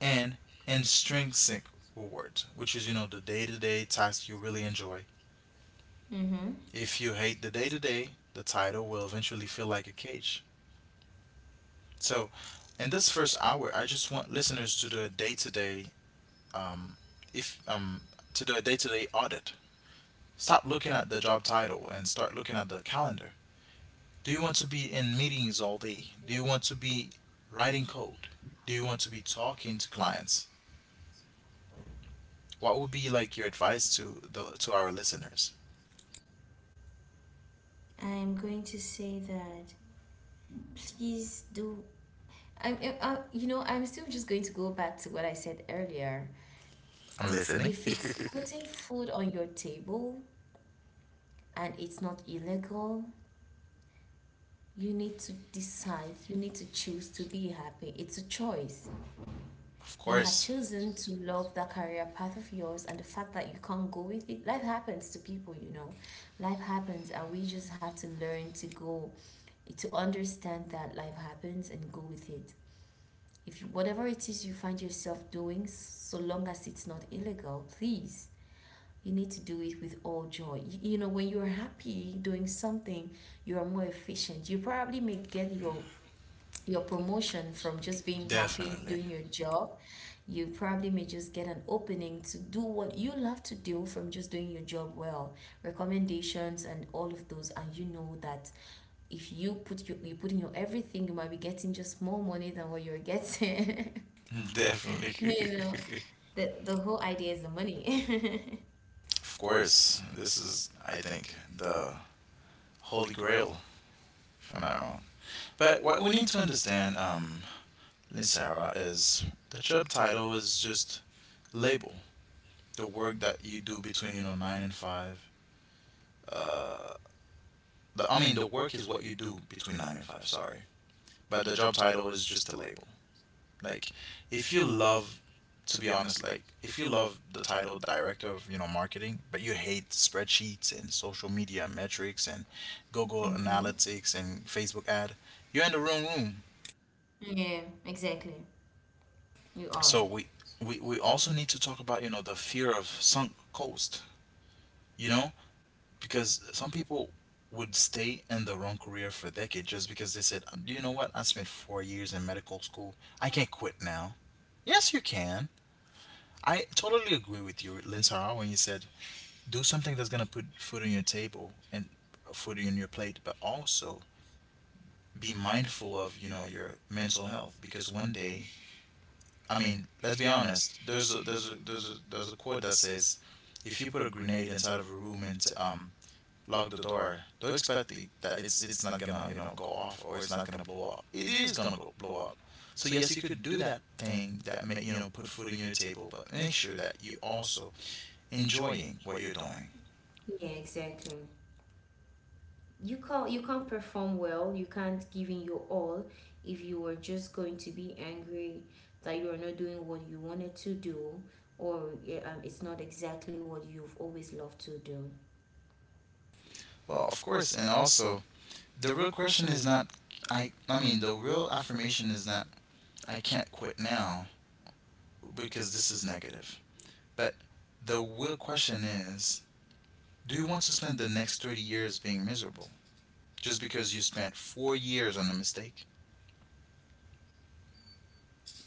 A: and intrinsic reward, which is, the day to day task you really enjoy.
B: Mm-hmm.
A: If you hate the day to day, the title will eventually feel like a cage. So in this first hour, I just want listeners to do a day to day um if to do a day to day audit. Stop looking at the job title and start looking at the calendar. Do you want to be in meetings all day? Do you want to be writing code? Do you want to be talking to clients? What would be like your advice to our listeners?
B: I'm going to say that, please do. I'm, you know, I'm still just going to go back to what I said earlier.
A: I'm listening.
B: If it's putting food on your table and it's not illegal, you need to decide, you need to choose to be happy. It's a choice.
A: Of
B: You had
A: course,
B: chosen to love that career path of yours, and the fact that you can't go with it, life happens to people, you know. Life happens, and we just have to learn to go, to understand that life happens and go with it. If you, whatever it is you find yourself doing, so long as it's not illegal, please, you need to do it with all joy. You know, when you're happy doing something, you are more efficient. You probably may get your promotion from just being happy
A: definitely.
B: doing your job. You probably may just get an opening to do what you love to do from just doing your job well, recommendations and all of those, and you know that if you put you put in your everything, you might be getting just more money than what you're getting.
A: Definitely.
B: You know, the whole idea is the money.
A: Of course, this is, I think, the holy grail, if I'm not wrong. But what we need to understand, Sarah, is the job title is just label. The work that you do between nine and five. Uh, I mean, the work is what you do between nine and five. Sorry, but the job title is just a label. Like, if you love, to be honest, like if you love the title director of marketing, but you hate spreadsheets and social media metrics and Google Analytics and Facebook ad, you're in the wrong room.
B: Yeah, exactly, you are.
A: So we also need to talk about the fear of sunk cost. You know, because some people would stay in the wrong career for a decade just because they said, "Do you know what? I spent 4 years in medical school. I can't quit now." Yes, you can. I totally agree with you, Linsara, when you said do something that's going to put food on your table and food on your plate, but also be mindful of your mental health, because one day, I mean, let's be honest. There's a quote that says, "If you put a grenade inside of a room and lock the door, don't expect it, that it's not gonna go off, or it's not gonna blow up. It is gonna go blow up. So yes, you could do that thing that may put food on your table, but make sure that you also enjoying what you're doing."
B: Yeah, exactly, you can't, you can't perform well, you can't give in your all if you are just going to be angry that you are not doing what you wanted to do, or yeah, it's not exactly what you've always loved to do.
A: Well, of course, and also the real question is not, I mean, the real affirmation is not I can't quit now, because this is negative. But the real question is, do you want to spend the next 30 years being miserable just because you spent 4 years on a mistake?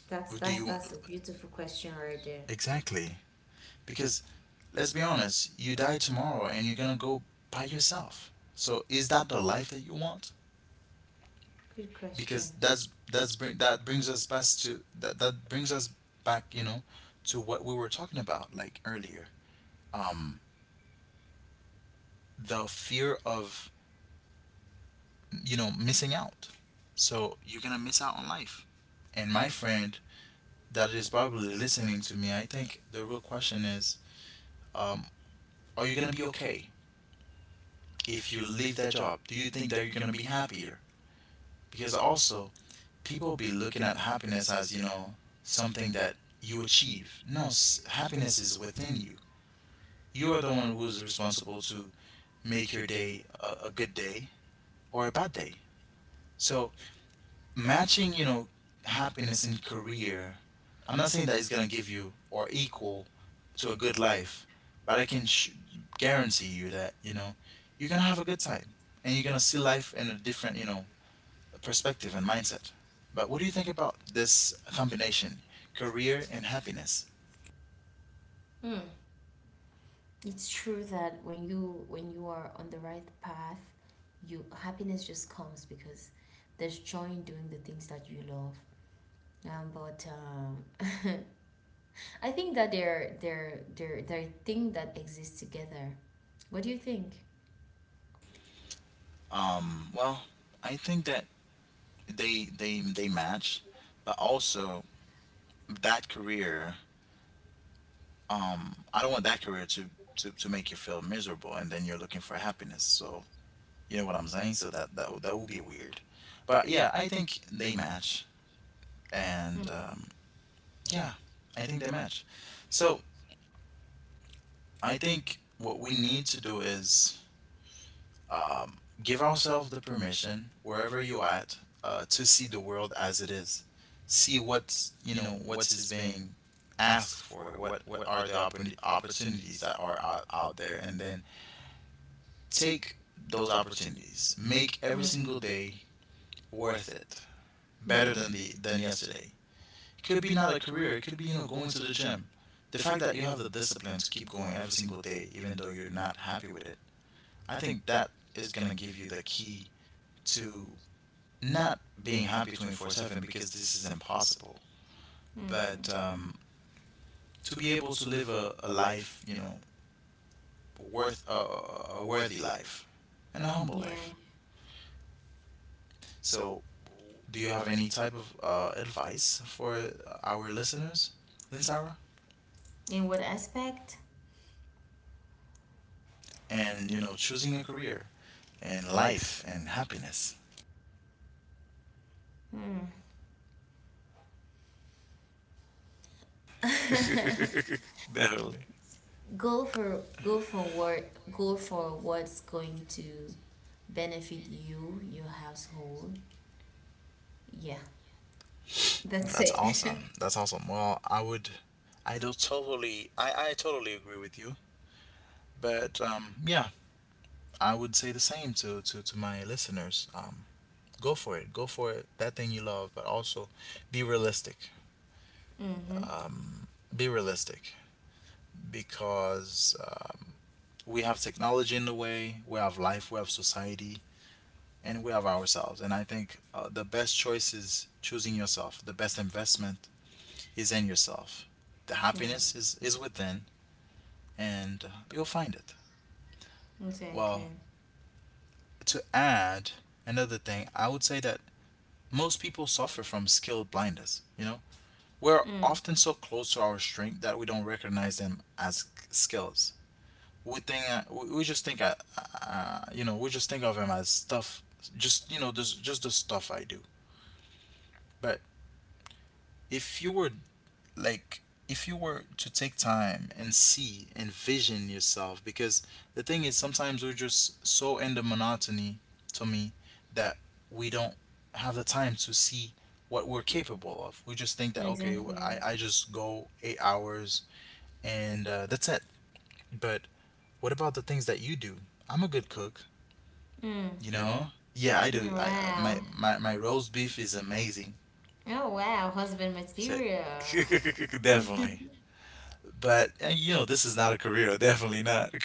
B: That's,
A: But do you,
B: that's a beautiful question right there.
A: exactly? Because let's be honest, you die tomorrow and you're gonna go by yourself. So is that the life that you want?
B: Good question.
A: Because that brings us back to that. That brings us back, you know, to what we were talking about like earlier. Um, the fear of missing out. So you're gonna miss out on life. And my friend that is probably listening to me, I think the real question is, um, are you gonna be okay if you leave that job? Do you think that you're gonna be happier? Because also, people be looking at happiness as something that you achieve. No, happiness is within you. You are the one who is responsible to make your day a good day or a bad day. So matching happiness in career, I'm not saying that it's going to give you or equal to a good life, but I can guarantee you that you're going to have a good time and you're going to see life in a different, perspective and mindset. But what do you think about this combination, career and happiness?
B: Hmm. It's true that when you, when you are on the right path, you, happiness just comes, because there's joy in doing the things that you love. But I think that they're a thing that exists together. What do you think?
A: Well, I think that they match. But also that career, I don't want that career to make you feel miserable and then you're looking for happiness. So, you know what I'm saying. So that would be weird. But yeah, I think they match.
B: Mm.
A: And yeah, I think they match. So I think what we need to do is um give ourselves the permission wherever you at, to see the world as it is, see what's you know what's is being asked for, what are the opportunities that are out there, and then take those opportunities. Make every single day worth it. Better
B: Yeah.
A: than the than yesterday. It could be not a career. It could be, going to the gym. The fact that you have the discipline to keep going every single day, even though you're not happy with it, I think that is gonna give you the key to not being happy 24/7, because this is impossible.
B: Mm-hmm.
A: But to be able to live a life, worth worthy life and a humble
B: Yeah.
A: life. So, do you have any type of advice for our listeners, Linsara?
B: In what aspect?
A: And, choosing a career and life and happiness. Definitely.
B: Go for go for what go for what's going to benefit you, your household. Yeah, that's
A: That's awesome.
B: it.
A: That's awesome. Well, I would, I don't totally, I totally agree with you. But yeah, I would say the same to my listeners. Go for it. Go for it. That thing you love, but also be realistic.
B: Mm-hmm.
A: Um, be realistic, because we have technology in the way, we have life, we have society, and we have ourselves. And I think, the best choice is choosing yourself. The best investment is in yourself. The
B: Yeah.
A: happiness is within, and you'll find it.
B: Exactly.
A: Well, to add another thing, I would say that most people suffer from skill blindness. You know, we're
B: Mm.
A: often so close to our strength that we don't recognize them as skills. We think, we just think, we just think of him as stuff, just you know just the stuff I do. But if you were, like, if you were to take time and see, envision yourself, because the thing is sometimes we're just so in the monotony, to me, that we don't have the time to see what we're capable of. We just think that, okay,
B: Exactly.
A: I just go 8 hours and, that's it. But what about the things that you do? I'm a good cook.
B: Mm.
A: No? Yeah, I do. I my
B: Wow.
A: my, my roast beef is amazing.
B: Oh wow, husband material.
A: Definitely. But this is not a career, definitely not.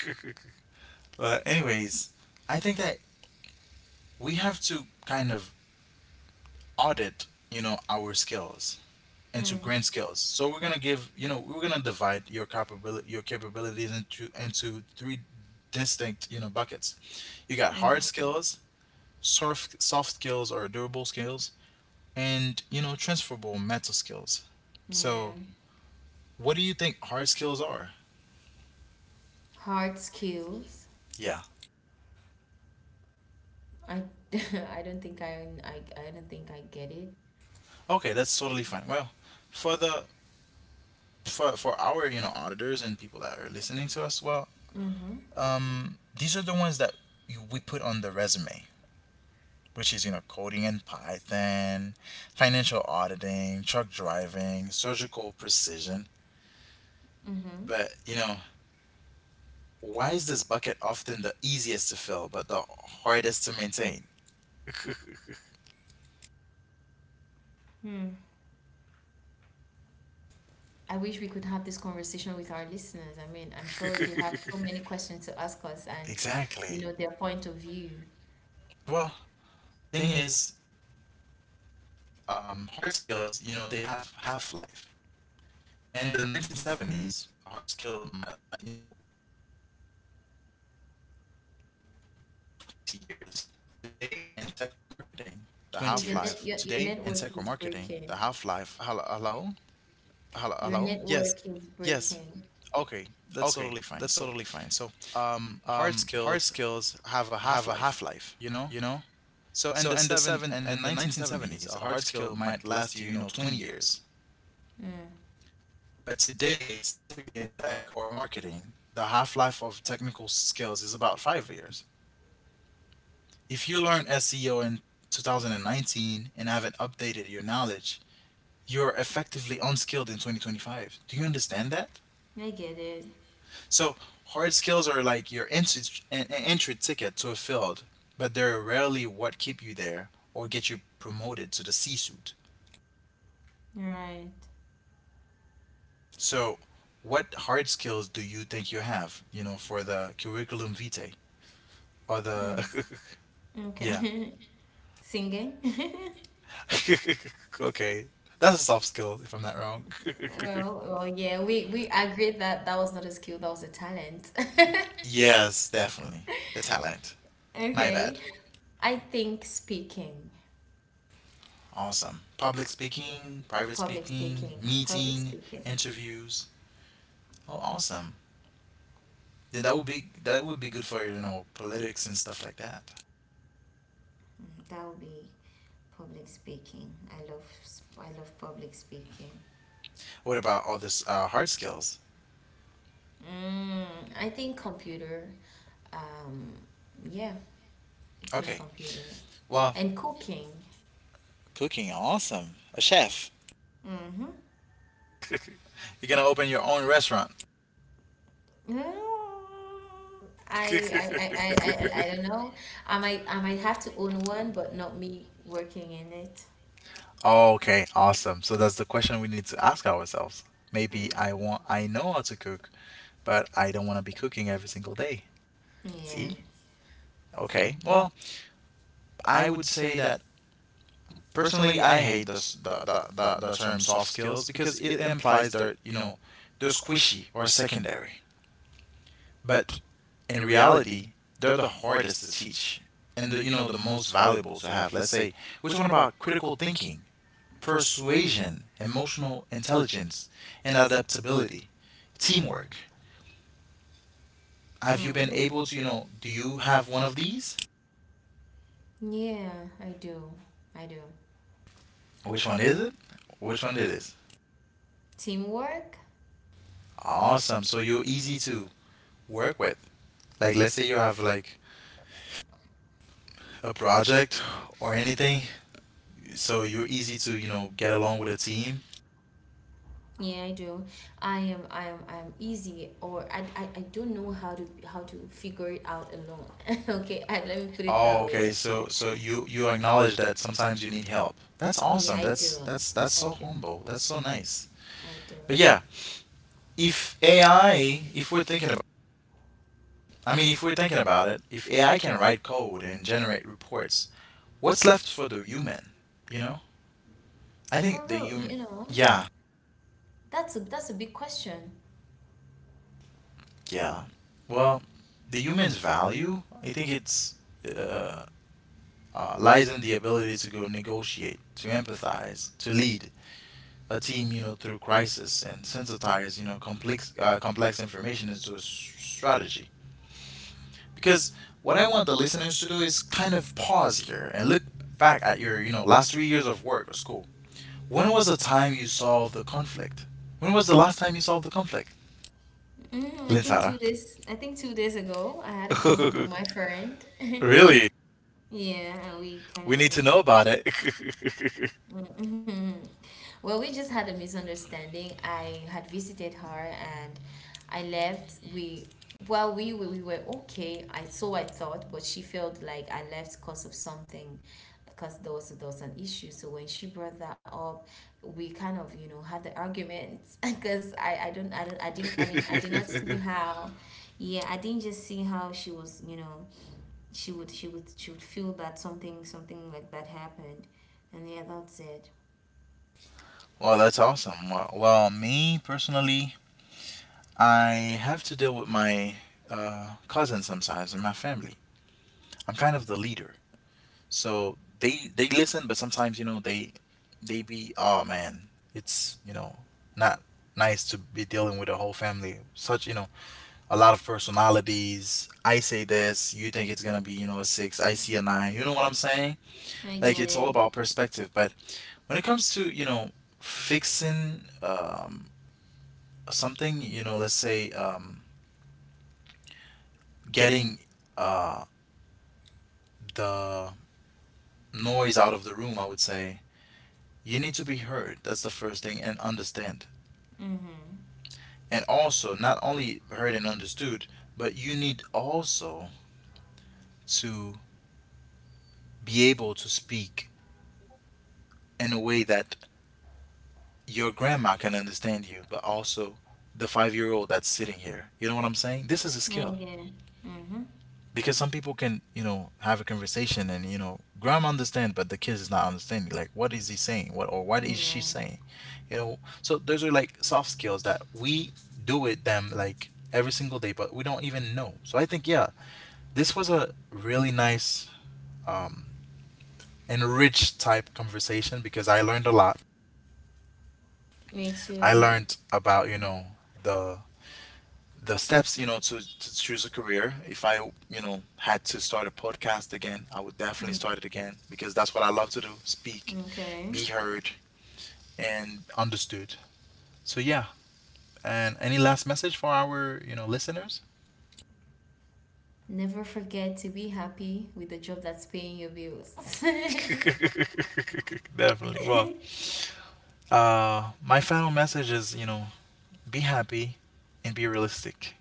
A: But anyways, I think that we have to kind of audit, our skills into
B: Mm.
A: grand skills. So we're gonna we're gonna divide your your capabilities into three distinct, buckets. You got
B: Mm-hmm.
A: hard skills, soft skills or durable skills, and transferable mental skills.
B: Yeah.
A: So what do you think hard skills are?
B: Hard skills.
A: Yeah.
B: I I don't think I get it.
A: Okay, that's totally fine. Well, for the for our auditors and people that are listening to us. Well,
B: Mm-hmm.
A: these are the ones that we put on the resume, which is coding in Python, financial auditing, truck driving, surgical precision.
B: Mm-hmm.
A: But you know, why is this bucket often the easiest to fill but the hardest to maintain?
B: Hmm. I wish we could have this conversation with our listeners. I mean, I'm sure they have so many questions to ask us, and you
A: Exactly.
B: know, their point of view.
A: Well, thing is, hard skills, they have half life. In the 1970s, a hard skill, would have lasted you 20 years. Today, in tech or marketing, the
B: Oh, your
A: half life.
B: your network is breaking.
A: Hello, hello.
B: Your
A: Yes.
B: network is breaking.
A: Okay, that's totally fine. So, hard skills have a half life. You know. So in the 1970s, a hard skill might last you, 20 years.
B: Mm.
A: But today, specifically in tech or marketing, the half life of technical skills is about 5 years. If you learn SEO in 2019 and haven't updated your knowledge, you're effectively unskilled in 2025. Do you understand that?
B: I get it.
A: So, hard skills are like your entry ticket to a field, but they're rarely what keep you there or get you promoted to the C suite.
B: Right.
A: So, what hard skills do you think you have, for the curriculum vitae or
B: Mm.
A: the Yeah.
B: Okay. Singing?
A: Okay. That's a soft skill, if I'm not wrong.
B: Well, well, yeah, we agreed that that was not a skill, that was a talent.
A: Yes, definitely. A talent. My bad.
B: Okay. I think speaking.
A: Awesome. Public
B: Yeah.
A: speaking, private
B: Public
A: speaking,
B: speaking. Public
A: meeting,
B: speaking.
A: interviews. Oh, awesome. Then that would be good for, politics and stuff like that.
B: Mm, that would be public speaking. I love public speaking.
A: What about all this hard skills?
B: Mm, I think computer. Um, yeah, I think
A: Okay.
B: computer.
A: Well,
B: And cooking.
A: cooking, awesome. A chef.
B: Mm-hmm.
A: You're gonna open your own restaurant.
B: Mm, I don't know. I might have to own one, but not me working in it.
A: Oh, okay, awesome. So that's the question we need to ask ourselves. Maybe
B: Mm.
A: I know how to cook, but I don't want to be cooking every single day.
B: Yeah.
A: See? Okay. Well, I would say that personally I hate this the term soft skills, because it implies that, they're squishy or secondary. But in reality, they're the hardest to teach and the, you know the most valuable to have. Let's say we're talking about critical thinking, persuasion, emotional intelligence, and adaptability, teamwork. Have you been
B: Mm-hmm.
A: able to, do you have one of these?
B: Yeah, I do. I do.
A: Which one is it? Which one it is?
B: Teamwork?
A: Awesome. So you're easy to work with. Like, let's say you have like a project or anything, so you're easy to, get along with a team.
B: Yeah, I do. I am easy, or I don't know how to figure it out alone. Okay, I, let me put it
A: Oh,
B: that way.
A: okay. So you acknowledge that sometimes you need help. That's
B: Yeah,
A: awesome.
B: I do.
A: That's so
B: I do.
A: humble. That's so nice.
B: I do.
A: But yeah, if AI, if we're thinking about, I mean, if we're thinking about it, if AI can write code and generate reports, what's left for the human? You know, I think
B: For
A: the
B: real,
A: human,
B: you know,
A: yeah,
B: that's a big question.
A: yeah. Well, the human's value, I think, it's uh, lies in the ability to go negotiate, to empathize, to lead a team, through crisis, and sensitize, complex information into a strategy. Because what I want the listeners to do is kind of pause here and look back at your, last 3 years of work or school. When was the time you solved the conflict? When was the last time you solved the conflict,
B: Mm, I think
A: Lintara?
B: 2 days. I think 2 days ago, I had a conflict with my friend.
A: Really?
B: Yeah, and we kind
A: We need
B: of,
A: to
B: you
A: know
B: know,
A: about it.
B: mhm. Well, we just had a misunderstanding. I had visited her and I left. Well, we were okay. I so I thought, but she felt like I left because of something, because there was an issue. So when she brought that up, we kind of, you know, had the argument. Because I didn't, I did not see how, yeah, I didn't just see how she was, you know, she would she would feel that something, something like that happened, and yeah, that's it.
A: Well, that's awesome. Well, me personally, I have to deal with my, cousins sometimes in my family. I'm kind of the leader, so they listen, but sometimes you know they be, oh man, it's not nice to be dealing with a whole family, such a lot of personalities. I say this, you think it's gonna be, a six, I see a nine. You know what I'm saying?
B: I
A: Like,
B: get
A: it's all
B: it.
A: about perspective. But when it comes to, fixing something, let's say getting uh the noise out of the room, I would say, you need to be heard. That's the first thing, and understand.
B: Mm-hmm.
A: And also not only heard and understood, but you need also to be able to speak in a way that your grandma can understand you, but also the 5-year old that's sitting here. You know what I'm saying? This is a
B: I
A: skill,
B: get it. Mm-hmm.
A: because some people can, have a conversation and, grandma understand, but the kid is not understanding. Like, what is he saying? What, or what is she
B: Yeah.
A: saying? You know, so those are like soft skills that we do with them like every single day, but we don't even know. So I think, yeah, this was a really nice, um, enriched type conversation, because I learned a lot.
B: Me
A: I
B: too.
A: learned about, the the steps, to choose a career. If I, had to start a podcast again, I would definitely
B: Mm.
A: start it again, because that's what I love to do: speak,
B: Okay.
A: be heard and understood. So yeah, and any last message for our, listeners?
B: Never forget to be happy with the job that's paying your bills.
A: Definitely. Well, my final message is, be happy and be realistic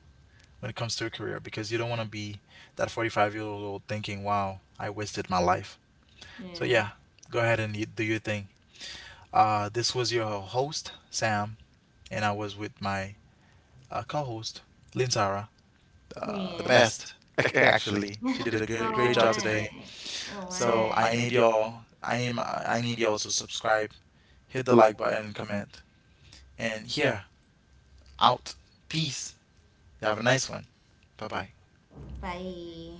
A: when it comes to a career, because you don't want to be that 45-year-old thinking, wow, I wasted my life. So
B: Yeah.
A: yeah, go ahead and you, do your thing. This was your host, Sam, and I was with my, co host, Lintara, the
B: Yeah.
A: best. Actually, she did a good,
B: Oh
A: great job today.
B: my. Oh
A: So
B: my.
A: I need y'all to subscribe, hit the like button, comment, and here, out. Peace. Have a nice one. Bye bye.
B: Bye.